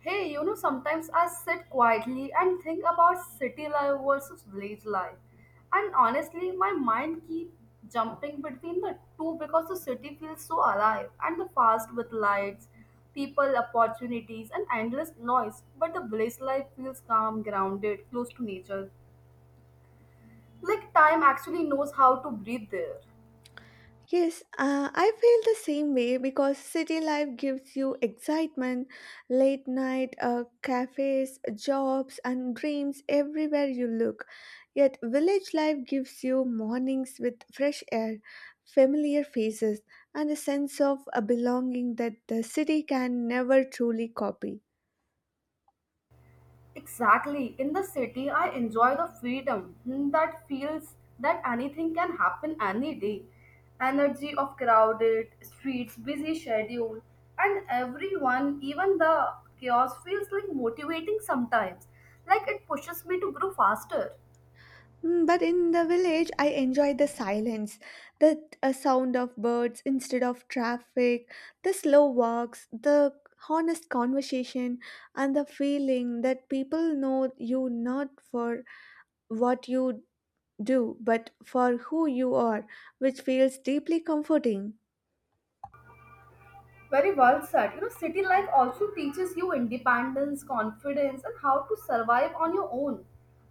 Hey, you know, sometimes I sit quietly and think about city life versus village life. And honestly, my mind keeps jumping between the two because the city feels so alive and the fast with lights, people, opportunities, and endless noise. But the village life feels calm, grounded, close to nature. Like time actually knows how to breathe there. Yes, I feel the same way because city life gives you excitement, late night cafes, jobs, and dreams everywhere you look. Yet, village life gives you mornings with fresh air, familiar faces, and a sense of a belonging that the city can never truly copy. Exactly. In the city, I enjoy the freedom that feels that anything can happen any day. Energy of crowded streets, busy schedule, and everyone, even the chaos, feels like motivating sometimes. Like it pushes me to grow faster. Mm, but in the village, I enjoy the silence, the sound of birds instead of traffic, the slow walks, the honest conversation, and the feeling that people know you not for what you do, but for who you are, which feels deeply comforting. Very well said. You know, city life also teaches you independence, confidence, and how to survive on your own.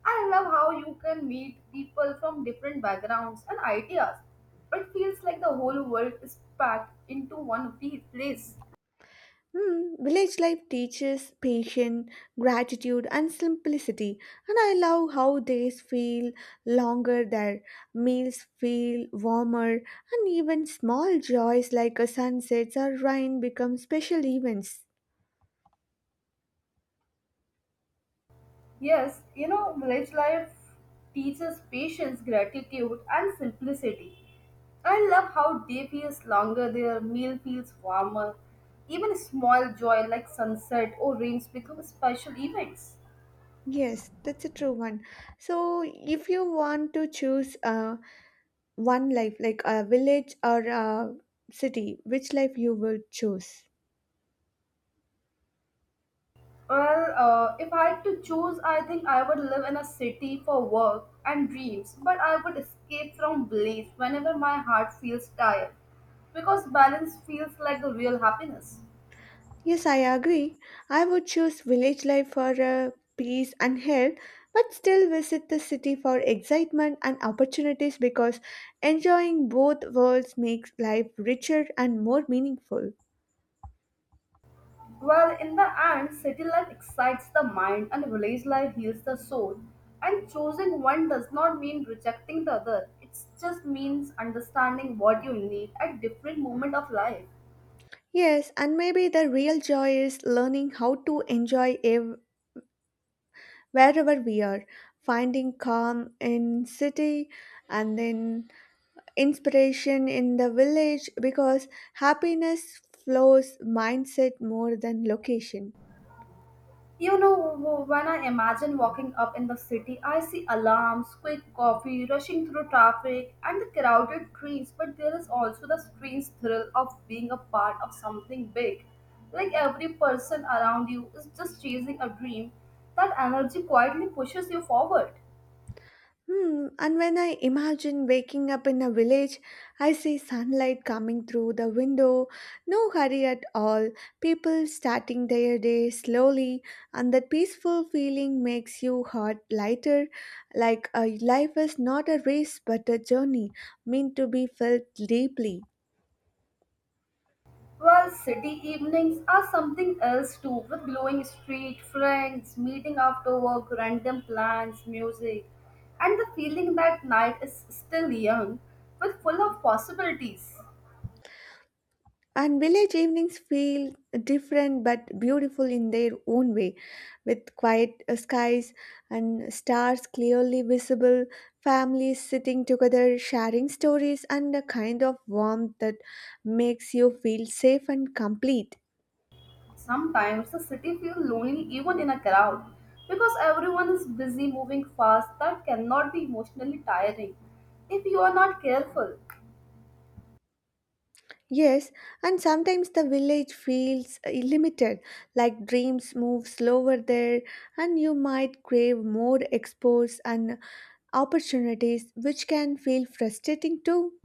I love how you can meet people from different backgrounds and ideas. It feels like the whole world is packed into one place. Hmm, village life teaches patience, gratitude, and simplicity, and I love how days feel longer there, meals feel warmer, and even small joys like a sunset or rain become special events. Yes, you know, village life teaches patience, gratitude, and simplicity. I love how day feels longer, their meal feels warmer. Even small joy like sunset or rains become special events. Yes, that's a true one. So, if you want to choose one life, like a village or a city, which life you will choose? Well, if I had to choose, I think I would live in a city for work and dreams, but I would escape from bliss whenever my heart feels tired, because balance feels like the real happiness. Yes, I agree. I would choose village life for peace and health, but still visit the city for excitement and opportunities because enjoying both worlds makes life richer and more meaningful. Well, in the end, city life excites the mind and village life heals the soul. And choosing one does not mean rejecting the other. It just means understanding what you need at different moment of life. Yes, and maybe the real joy is learning how to enjoy wherever we are, finding calm in city and then inspiration in the village because happiness flows mindset more than location. You know, when I imagine walking up in the city, I see alarms, quick coffee, rushing through traffic, and the crowded trains. But there is also the strange thrill of being a part of something big. Like every person around you is just chasing a dream, that energy quietly pushes you forward. Hmm, and when I imagine waking up in a village, I see sunlight coming through the window, no hurry at all, people starting their day slowly, and that peaceful feeling makes you heart lighter, like a life is not a race but a journey meant to be felt deeply. Well, city evenings are something else too, with glowing street, friends, meeting after work, random plans, music, and the feeling that night is still young, with full of possibilities. And village evenings feel different but beautiful in their own way, with quiet skies and stars clearly visible, families sitting together, sharing stories, and a kind of warmth that makes you feel safe and complete. Sometimes the city feels lonely even in a crowd, because everyone is busy moving fast that cannot be emotionally tiring if you are not careful. Yes, and sometimes the village feels limited, like dreams move slower there, and you might crave more exposures and opportunities, which can feel frustrating too.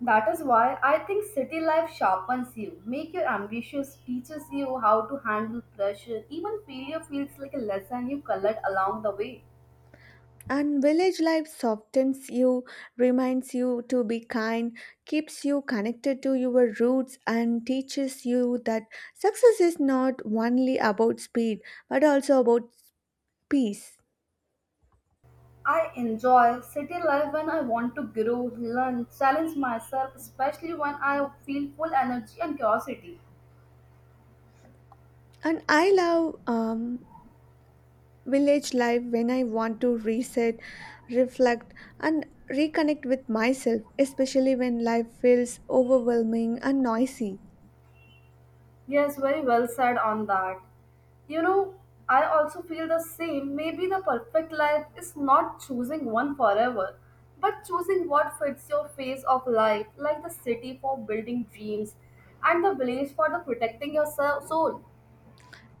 That is why I think city life sharpens you, make you ambitious, teaches you how to handle pressure, even failure feels like a lesson you collect along the way. And village life softens you, reminds you to be kind, keeps you connected to your roots, and teaches you that success is not only about speed but also about peace. I enjoy city life when I want to grow, learn, challenge myself, especially when I feel full energy and curiosity. And I love village life when I want to reset, reflect, and reconnect with myself, especially when life feels overwhelming and noisy. Yes, very well said on that. You know, I also feel the same. Maybe the perfect life is not choosing one forever, but choosing what fits your phase of life, like the city for building dreams and the village for the protecting your soul.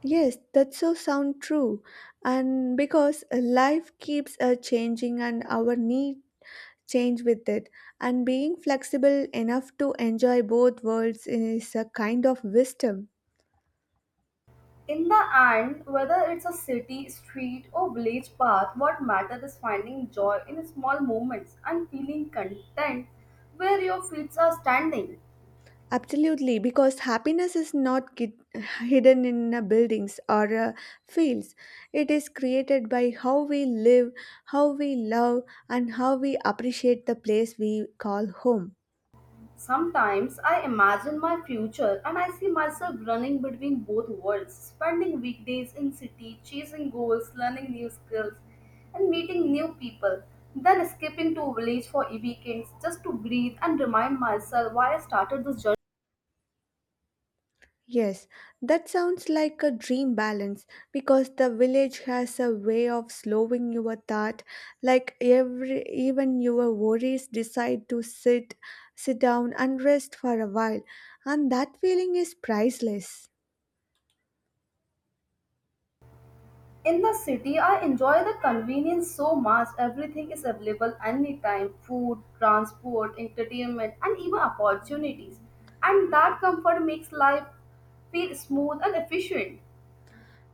Yes, that's so sound true. And because life keeps changing and our need change with it and being flexible enough to enjoy both worlds is a kind of wisdom. In the end, whether it's a city, street, or village path, what matters is finding joy in small moments and feeling content where your feet are standing. Absolutely, because happiness is not hidden in buildings or fields. It is created by how we live, how we love, and how we appreciate the place we call home. Sometimes I imagine my future and I see myself running between both worlds, spending weekdays in city, chasing goals, learning new skills, and meeting new people, then skipping to village for weekends just to breathe and remind myself why I started this journey. Yes, that sounds like a dream balance because the village has a way of slowing your thought. Like every even your worries decide to sit down and rest for a while, and that feeling is priceless. In the city, I enjoy the convenience so much. Everything is available anytime food, transport, entertainment, and even opportunities. And that comfort makes life feel smooth and efficient.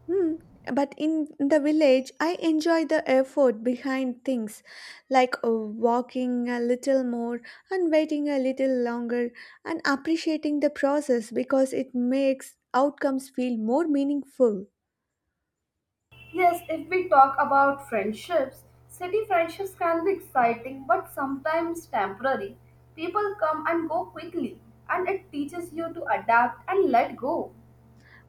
Hmm. But in the village, I enjoy the effort behind things like walking a little more and waiting a little longer and appreciating the process because it makes outcomes feel more meaningful. Yes, if we talk about friendships, city friendships can be exciting but sometimes temporary. People come and go quickly, and it teaches you to adapt and let go.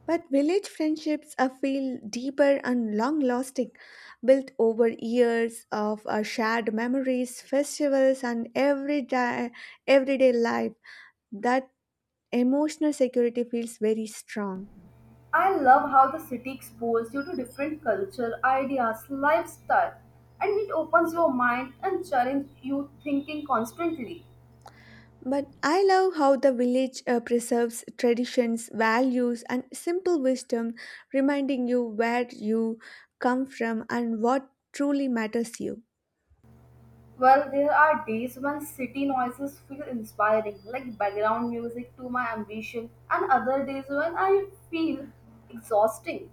But village friendships feel deeper and long lasting, built over years of shared memories, festivals, and everyday life. That emotional security feels very strong. I love how the city exposes you to different culture, ideas, lifestyle, and it opens your mind and challenges you thinking constantly. But I love how the village preserves traditions, values, and simple wisdom, reminding you where you come from and what truly matters you. Well, there are days when city noises feel inspiring, like background music to my ambition, and other days when I feel exhausting.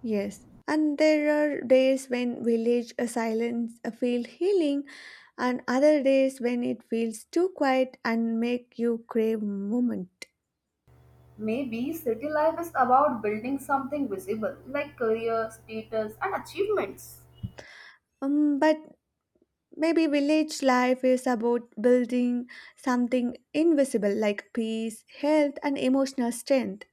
Yes, and there are days when village silence feel healing, and other days when it feels too quiet and make you crave moment. Maybe city life is about building something visible, like career, status, and achievements. But maybe village life is about building something invisible like peace, health, and emotional strength.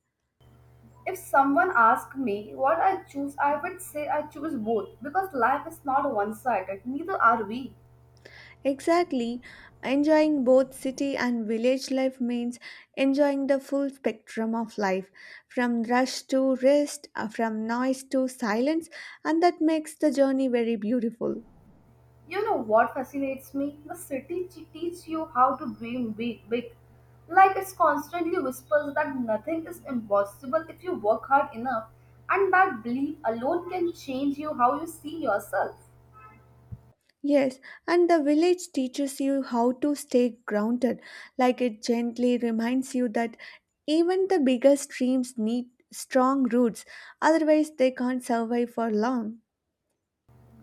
If someone asked me what I choose, I would say I choose both because life is not one sided, neither are we. Exactly. Enjoying both city and village life means enjoying the full spectrum of life, from rush to rest, from noise to silence, and that makes the journey very beautiful. You know what fascinates me? The city teaches you how to dream big, big. Like it constantly whispers that nothing is impossible if you work hard enough, and that belief alone can change you how you see yourself. Yes, and the village teaches you how to stay grounded, like it gently reminds you that even the biggest streams need strong roots, otherwise, they can't survive for long.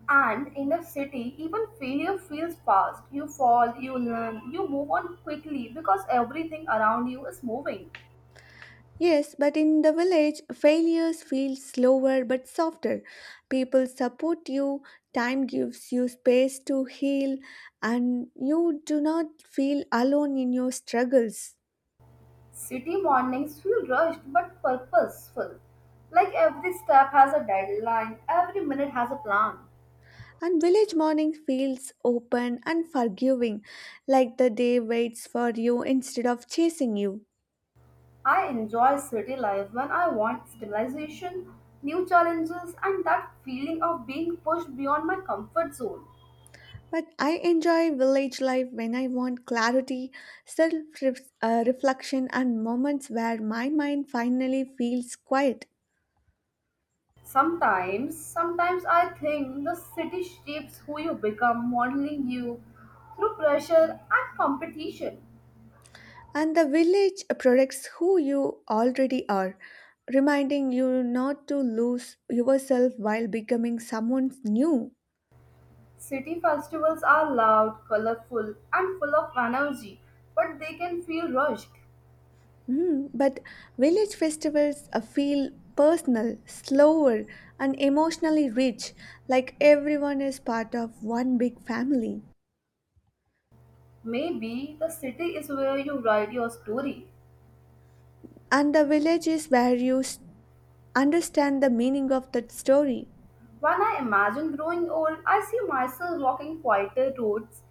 And in the city, even failure feels fast. You fall, you learn, you move on quickly because everything around you is moving. Yes, but in the village, failures feel slower but softer. People support you, time gives you space to heal, and you do not feel alone in your struggles. City mornings feel rushed but purposeful. Like every step has a deadline, every minute has a plan. And village morning feels open and forgiving, like the day waits for you instead of chasing you. I enjoy city life when I want stabilization, new challenges, and that feeling of being pushed beyond my comfort zone. But I enjoy village life when I want clarity, self reflection, and moments where my mind finally feels quiet. Sometimes I think the city shapes who you become, modeling you through pressure and competition. And the village projects who you already are, reminding you not to lose yourself while becoming someone new. City festivals are loud, colorful, and full of energy, but they can feel rushed. Mm, but village festivals feel personal, slower, and emotionally rich, like everyone is part of one big family. Maybe the city is where you write your story. And the village is where you understand the meaning of that story. When I imagine growing old, I see myself walking quieter roads,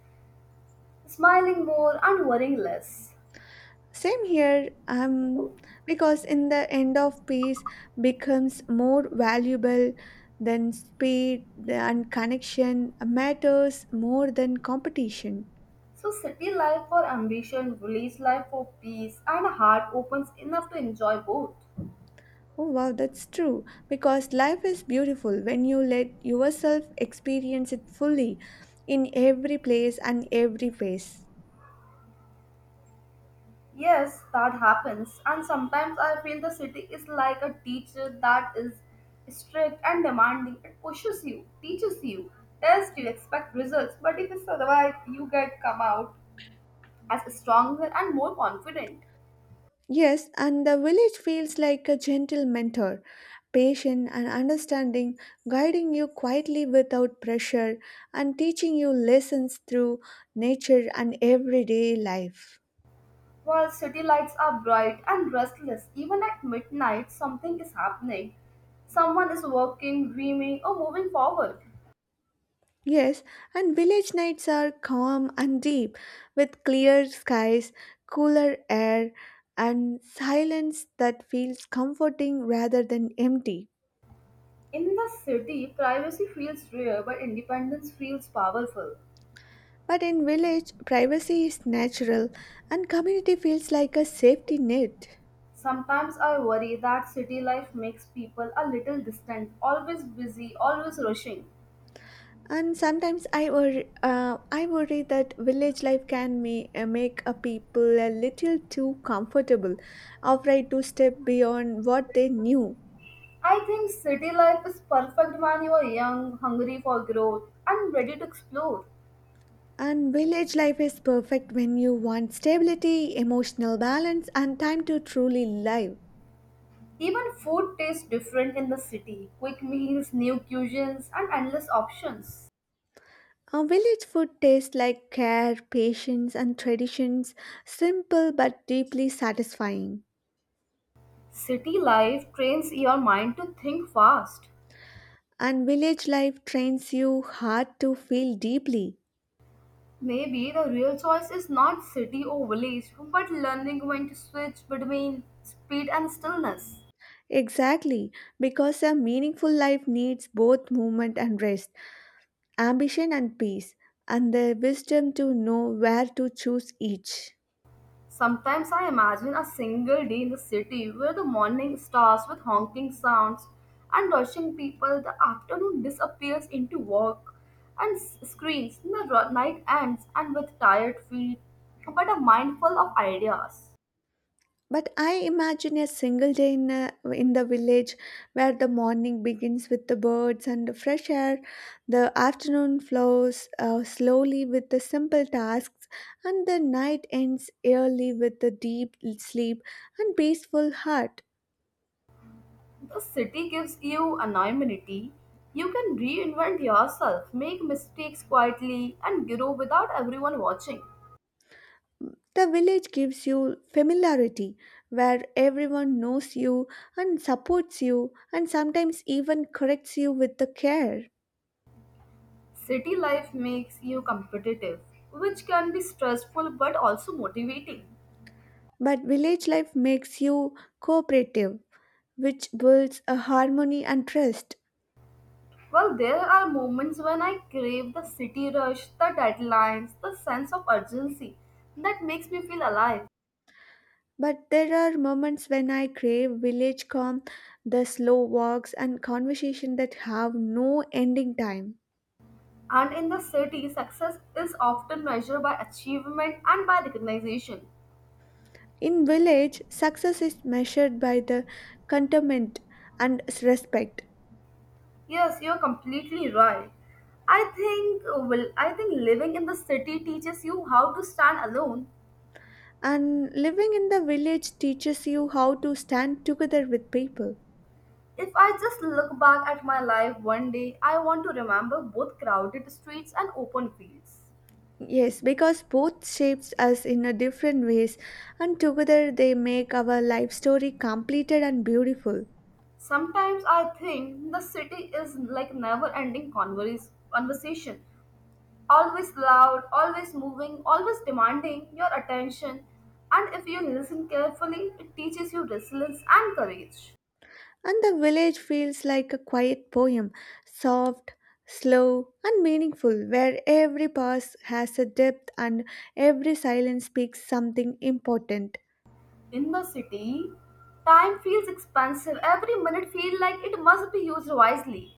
smiling more, and worrying less. Same here, because in the end of peace becomes more valuable than speed and connection matters more than competition. So, city life for ambition, village life for peace, and a heart opens enough to enjoy both. Oh wow, that's true. Because life is beautiful when you let yourself experience it fully in every place and every phase. Yes, that happens, and sometimes I feel the city is like a teacher that is strict and demanding. It pushes you, teaches you, tells you expect results, but if you survive, you get come out as stronger and more confident. Yes, and the village feels like a gentle mentor, patient and understanding, guiding you quietly without pressure and teaching you lessons through nature and everyday life. While city lights are bright and restless, even at midnight, something is happening. Someone is working, dreaming, or moving forward. Yes, and village nights are calm and deep, with clear skies, cooler air, and silence that feels comforting rather than empty. In the city, privacy feels rare, but independence feels powerful. But in village, privacy is natural and community feels like a safety net. Sometimes I worry that city life makes people a little distant, always busy, always rushing. And sometimes I worry that village life can may, make a people a little too comfortable, afraid to step beyond what they knew. I think city life is perfect when you are young, hungry for growth, and ready to explore. And village life is perfect when you want stability, emotional balance, and time to truly live. Even food tastes different in the city. Quick meals, new cuisines, and endless options. Our village food tastes like care, patience, and traditions, simple but deeply satisfying. City life trains your mind to think fast. And village life trains you hard to feel deeply. Maybe the real choice is not city or village, but learning when to switch between speed and stillness. Exactly, because a meaningful life needs both movement and rest, ambition and peace, and the wisdom to know where to choose each. Sometimes I imagine a single day in the city where the morning starts with honking sounds and rushing people, the afternoon disappears into work and screens, and the night ends and with tired feet, but a mind full of ideas. But I imagine a single day in the village where the morning begins with the birds and the fresh air, the afternoon flows slowly with the simple tasks, and the night ends early with the deep sleep and peaceful heart. The city gives you anonymity. You can reinvent yourself, make mistakes quietly, and grow without everyone watching. The village gives you familiarity where everyone knows you and supports you and sometimes even corrects you with the care. City life makes you competitive, which can be stressful but also motivating. But village life makes you cooperative, which builds a harmony and trust. Well, there are moments when I crave the city rush, the deadlines, the sense of urgency that makes me feel alive. But there are moments when I crave village calm, the slow walks and conversation that have no ending time. And in the city, success is often measured by achievement and by recognition. In village, success is measured by the contentment and respect. Yes, you're completely right. I think well, I think living in the city teaches you how to stand alone. And living in the village teaches you how to stand together with people. If I just look back at my life one day, I want to remember both crowded streets and open fields. Yes, because both shapes us in a different ways, and together they make our life story completed and beautiful. Sometimes I think the city is like never ending converse, conversation, always loud, always moving, always demanding your attention. And if you listen carefully, it teaches you resilience and courage. And the village feels like a quiet poem, soft, slow, and meaningful, where every pause has a depth and every silence speaks something important. In the city, time feels expensive. Every minute feels like it must be used wisely.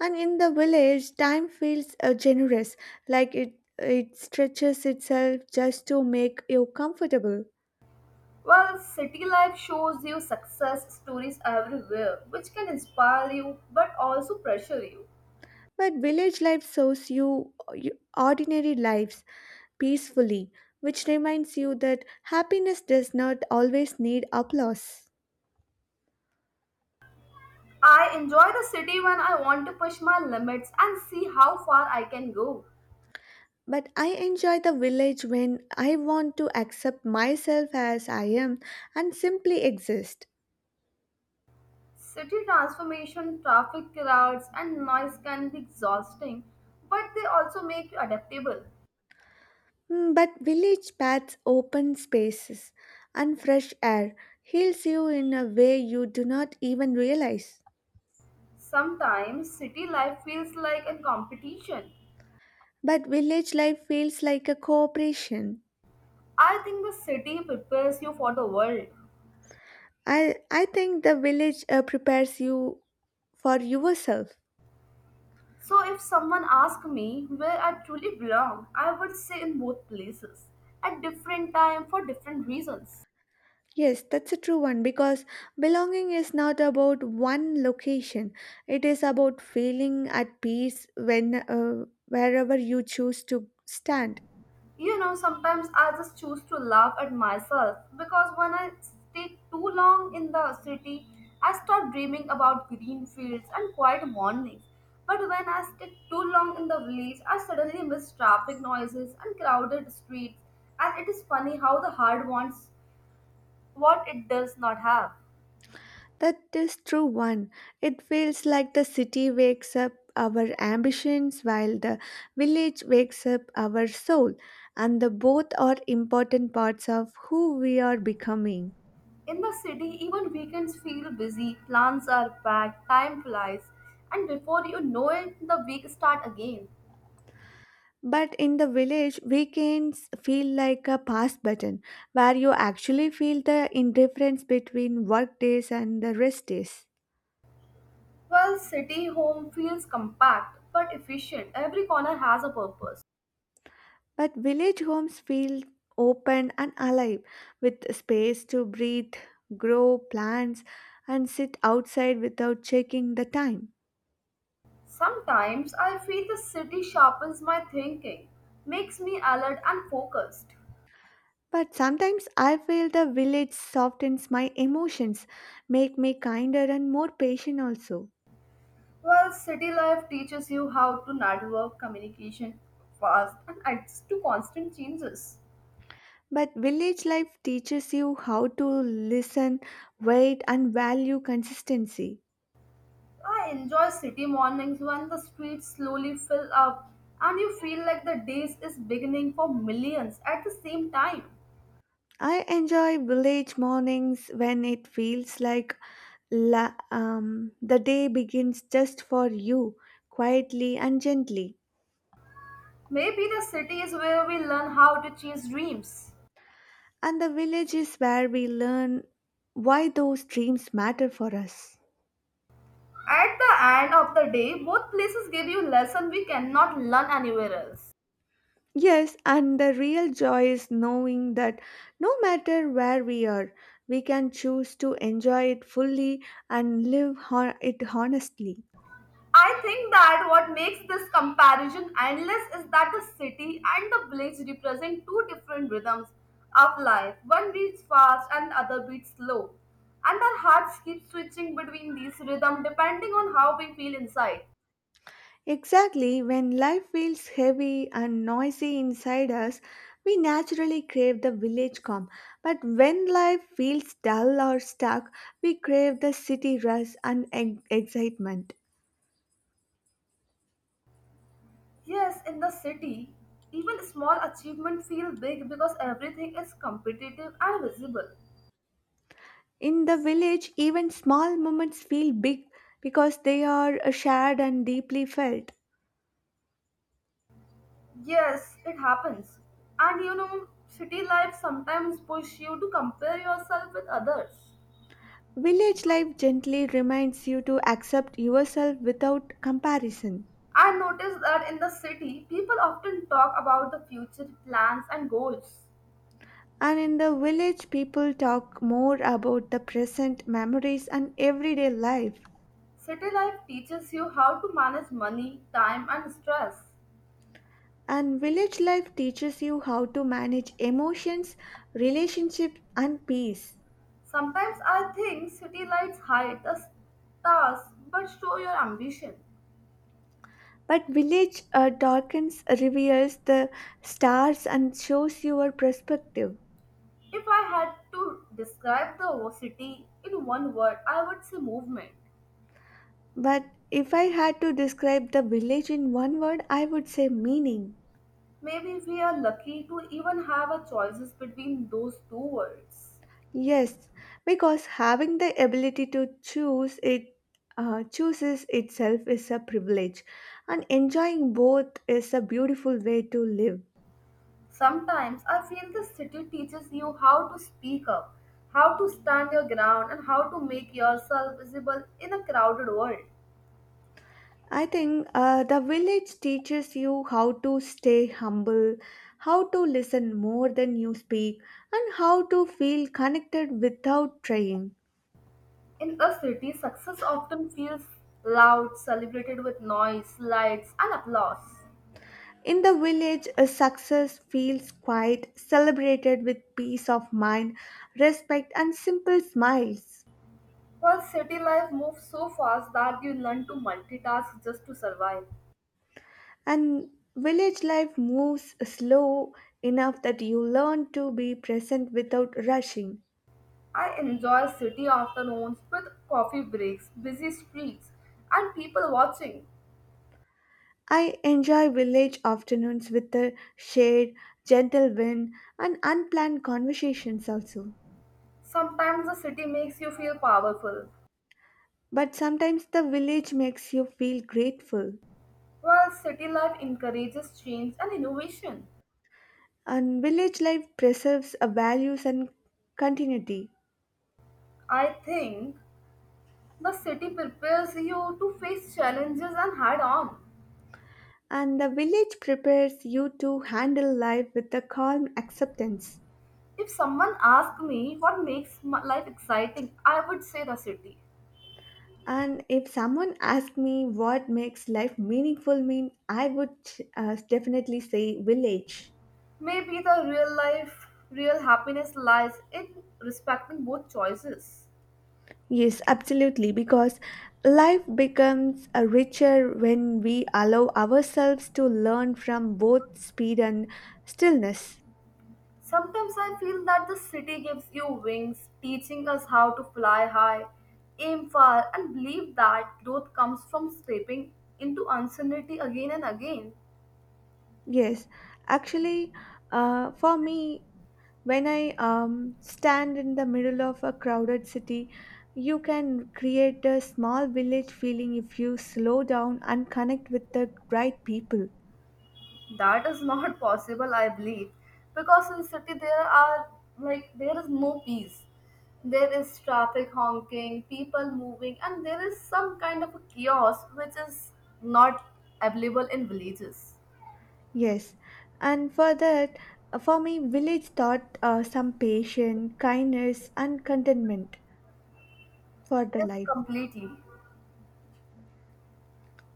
And in the village, time feels generous, like it, it stretches itself just to make you comfortable. Well, city life shows you success stories everywhere, which can inspire you but also pressure you. But village life shows you, you ordinary lives peacefully, which reminds you that happiness does not always need applause. I enjoy the city when I want to push my limits and see how far I can go. But I enjoy the village when I want to accept myself as I am and simply exist. City transformation, traffic crowds, and noise can be exhausting, but they also make you adaptable. Mm, but village paths, open spaces, and fresh air heals you in a way you do not even realize. Sometimes city life feels like a competition. But village life feels like a cooperation. I think the city prepares you for the world. I think the village prepares you for yourself. So if someone asked me where I truly belong, I would say in both places, at different time for different reasons. Yes, that's a true one because belonging is not about one location. It is about feeling at peace when wherever you choose to stand. You know, sometimes I just choose to laugh at myself because when I stay too long in the city, I start dreaming about green fields and quiet mornings. But when I stay too long in the village, I suddenly miss traffic noises and crowded streets. And it is funny how the heart wants what it does not have. That is true one. It feels like the city wakes up our ambitions while the village wakes up our soul, and the both are important parts of who we are becoming. In the city, even weekends feel busy, plans are packed, time flies, and before you know it, the week starts again. But in the village, weekends feel like a pass button where you actually feel the indifference between work days and the rest days. Well, city home feels compact but efficient. Every corner has a purpose. But village homes feel open and alive with space to breathe, grow plants, and sit outside without checking the time. Sometimes I feel the city sharpens my thinking, makes me alert and focused. But sometimes I feel the village softens my emotions, make me kinder and more patient also. Well, city life teaches you how to network communication fast and adjust to constant changes. But village life teaches you how to listen, wait, and value consistency. I enjoy city mornings when the streets slowly fill up and you feel like the day is beginning for millions at the same time. I enjoy village mornings when it feels like the day begins just for you, quietly and gently. Maybe the city is where we learn how to chase dreams. And the village is where we learn why those dreams matter for us. At the end of the day, both places give you lesson we cannot learn anywhere else. Yes, and the real joy is knowing that no matter where we are, we can choose to enjoy it fully and live it honestly. I think that what makes this comparison endless is that the city and the village represent two different rhythms of life. One beats fast and the other beats slow. And our hearts keep switching between these rhythms depending on how we feel inside. Exactly, when life feels heavy and noisy inside us, we naturally crave the village calm. But when life feels dull or stuck, we crave the city rush and excitement. Yes, in the city, even small achievements feel big because everything is competitive and visible. In the village, even small moments feel big because they are shared and deeply felt. Yes, it happens. And you know, city life sometimes push you to compare yourself with others. Village life gently reminds you to accept yourself without comparison. I noticed that in the city, people often talk about the future plans and goals. And in the village, people talk more about the present memories and everyday life. City life teaches you how to manage money, time, and stress. And village life teaches you how to manage emotions, relationships, and peace. Sometimes I think city lights hide the stars but show your ambition. But village darkens, reveals the stars, and shows your perspective. If I had to describe the city in one word, I would say movement. But if I had to describe the village in one word, I would say meaning. Maybe if we are lucky to even have a choices between those two words. Yes, because having the ability to choose it chooses itself is a privilege, and enjoying both is a beautiful way to live. Sometimes I feel the city teaches you how to speak up, how to stand your ground, and how to make yourself visible in a crowded world. I think the village teaches you how to stay humble, how to listen more than you speak, and how to feel connected without trying. In a city, success often feels loud, celebrated with noise, lights, and applause. In the village, a success feels quiet, celebrated with peace of mind, respect, and simple smiles. While city life moves so fast that you learn to multitask just to survive. And village life moves slow enough that you learn to be present without rushing. I enjoy city afternoons with coffee breaks, busy streets, and people watching. I enjoy village afternoons with the shade, gentle wind, and unplanned conversations also. Sometimes the city makes you feel powerful, But sometimes the village makes you feel grateful. while city life encourages change and innovation. And village life preserves a values and continuity. I think the city prepares you to face challenges and head on. And the village prepares you to handle life with a calm acceptance. If someone asked me what makes my life exciting, I would say the city. And if someone asked me what makes life meaningful mean, I would definitely say village. Maybe the real happiness lies in respecting both choices. Yes, absolutely, because life becomes richer when we allow ourselves to learn from both speed and stillness. Sometimes I feel that the city gives you wings, teaching us how to fly high, aim far, and believe that growth comes from stepping into uncertainty again and again. Yes, actually, for me, when I stand in the middle of a crowded city, you can create a small village feeling if you slow down and connect with the right people. That is not possible, I believe, because in city there are there is no peace. There is traffic honking, people moving, and there is some kind of a chaos which is not available in villages. Yes, and for that, for me, village taught some patience, kindness, and contentment for the Yes, life. completely.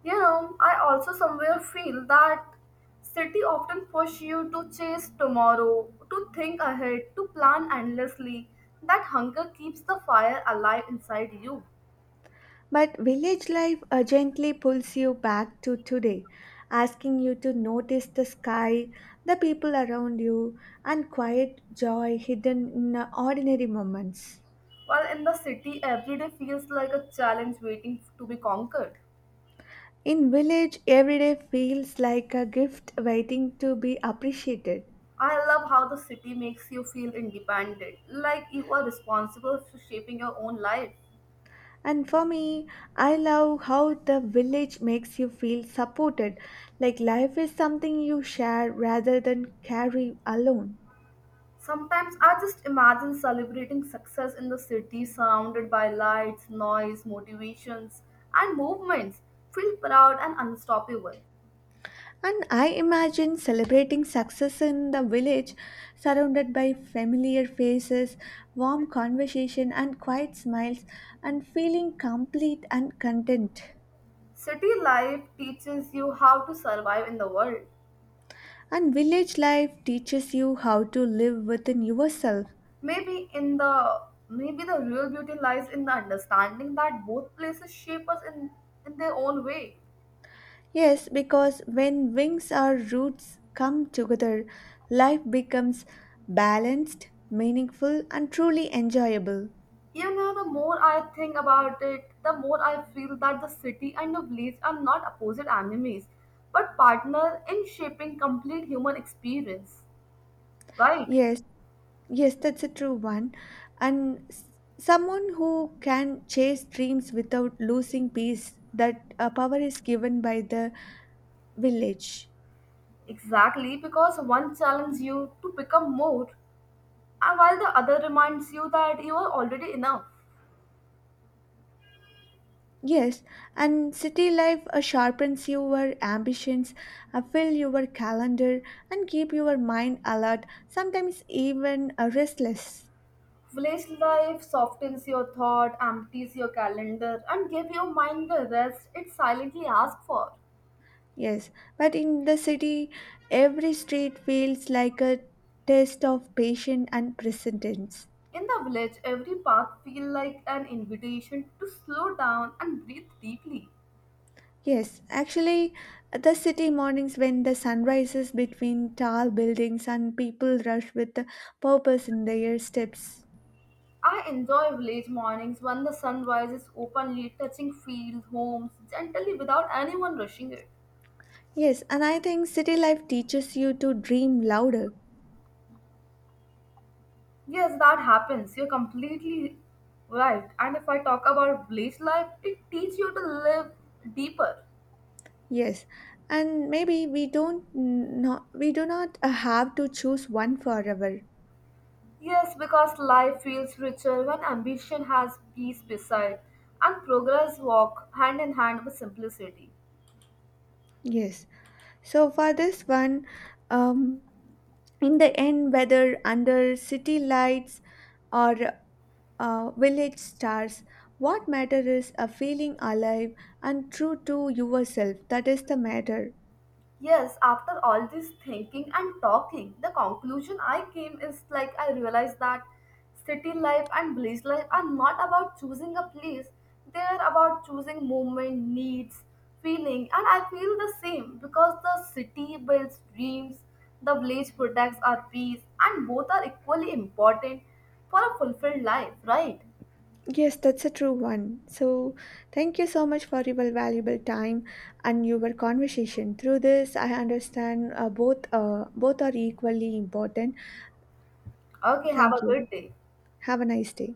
You know, I also somewhere feel that city often push you to chase tomorrow, to think ahead, to plan endlessly. That hunger keeps the fire alive inside you. But village life gently pulls you back to today, asking you to notice the sky, the people around you, and quiet joy hidden in ordinary moments. While in the city, every day feels like a challenge waiting to be conquered. In village, every day feels like a gift waiting to be appreciated. I love how the city makes you feel independent, like you are responsible for shaping your own life. And for me, I love how the village makes you feel supported, like life is something you share rather than carry alone. Sometimes I just imagine celebrating success in the city surrounded by lights, noise, motivations, and movements. Feel proud and unstoppable. And I imagine celebrating success in the village, surrounded by familiar faces, warm conversation, and quiet smiles, and feeling complete and content. City life teaches you how to survive in the world. And village life teaches you how to live within yourself. Maybe in the maybe the real beauty lies in the understanding that both places shape us in their own way. Yes, because when wings or roots come together, life becomes balanced, meaningful, and truly enjoyable. You know, the more I think about it, the more I feel that the city and the village are not opposite enemies, but partner in shaping complete human experience. Right? Yes, yes, that's a true one. And someone who can chase dreams without losing peace, that power is given by the village. Exactly, because one challenges you to become more, and while the other reminds you that you are already enough. Yes, and city life sharpens your ambitions, fill your calendar, and keep your mind alert, sometimes even restless. Village life softens your thought, empties your calendar, and gives your mind the rest it silently asks for. Yes, but in the city, every street feels like a test of patience and presence. In the village, every path feels like an invitation to slow down and breathe deeply. Yes, actually, the city mornings when the sun rises between tall buildings and people rush with purpose in their steps. I enjoy village mornings when the sun rises openly, touching fields, homes, gently without anyone rushing it. Yes, and I think city life teaches you to dream louder. Yes, that happens. You're completely right. And if I talk about village life, it teaches you to live deeper. Yes, and maybe we don't not we do not have to choose one forever. Yes, because life feels richer when ambition has peace beside, and progress walk hand in hand with simplicity. Yes, so for this one, um, in the end, whether under city lights or village stars. What matter is a feeling alive and true to yourself. That is the matter. Yes, after all this thinking and talking, the conclusion I came is like I realized that city life and village life are not about choosing a place, they are about choosing movement, needs, feeling, and I feel the same because the city builds dreams, the village protects our peace, and both are equally important for a fulfilled life, right? Yes, that's a true one. So, thank you so much for your valuable time and your conversation. Through this, I understand both are equally important. Okay, have Thank a you. good day. Have a nice day.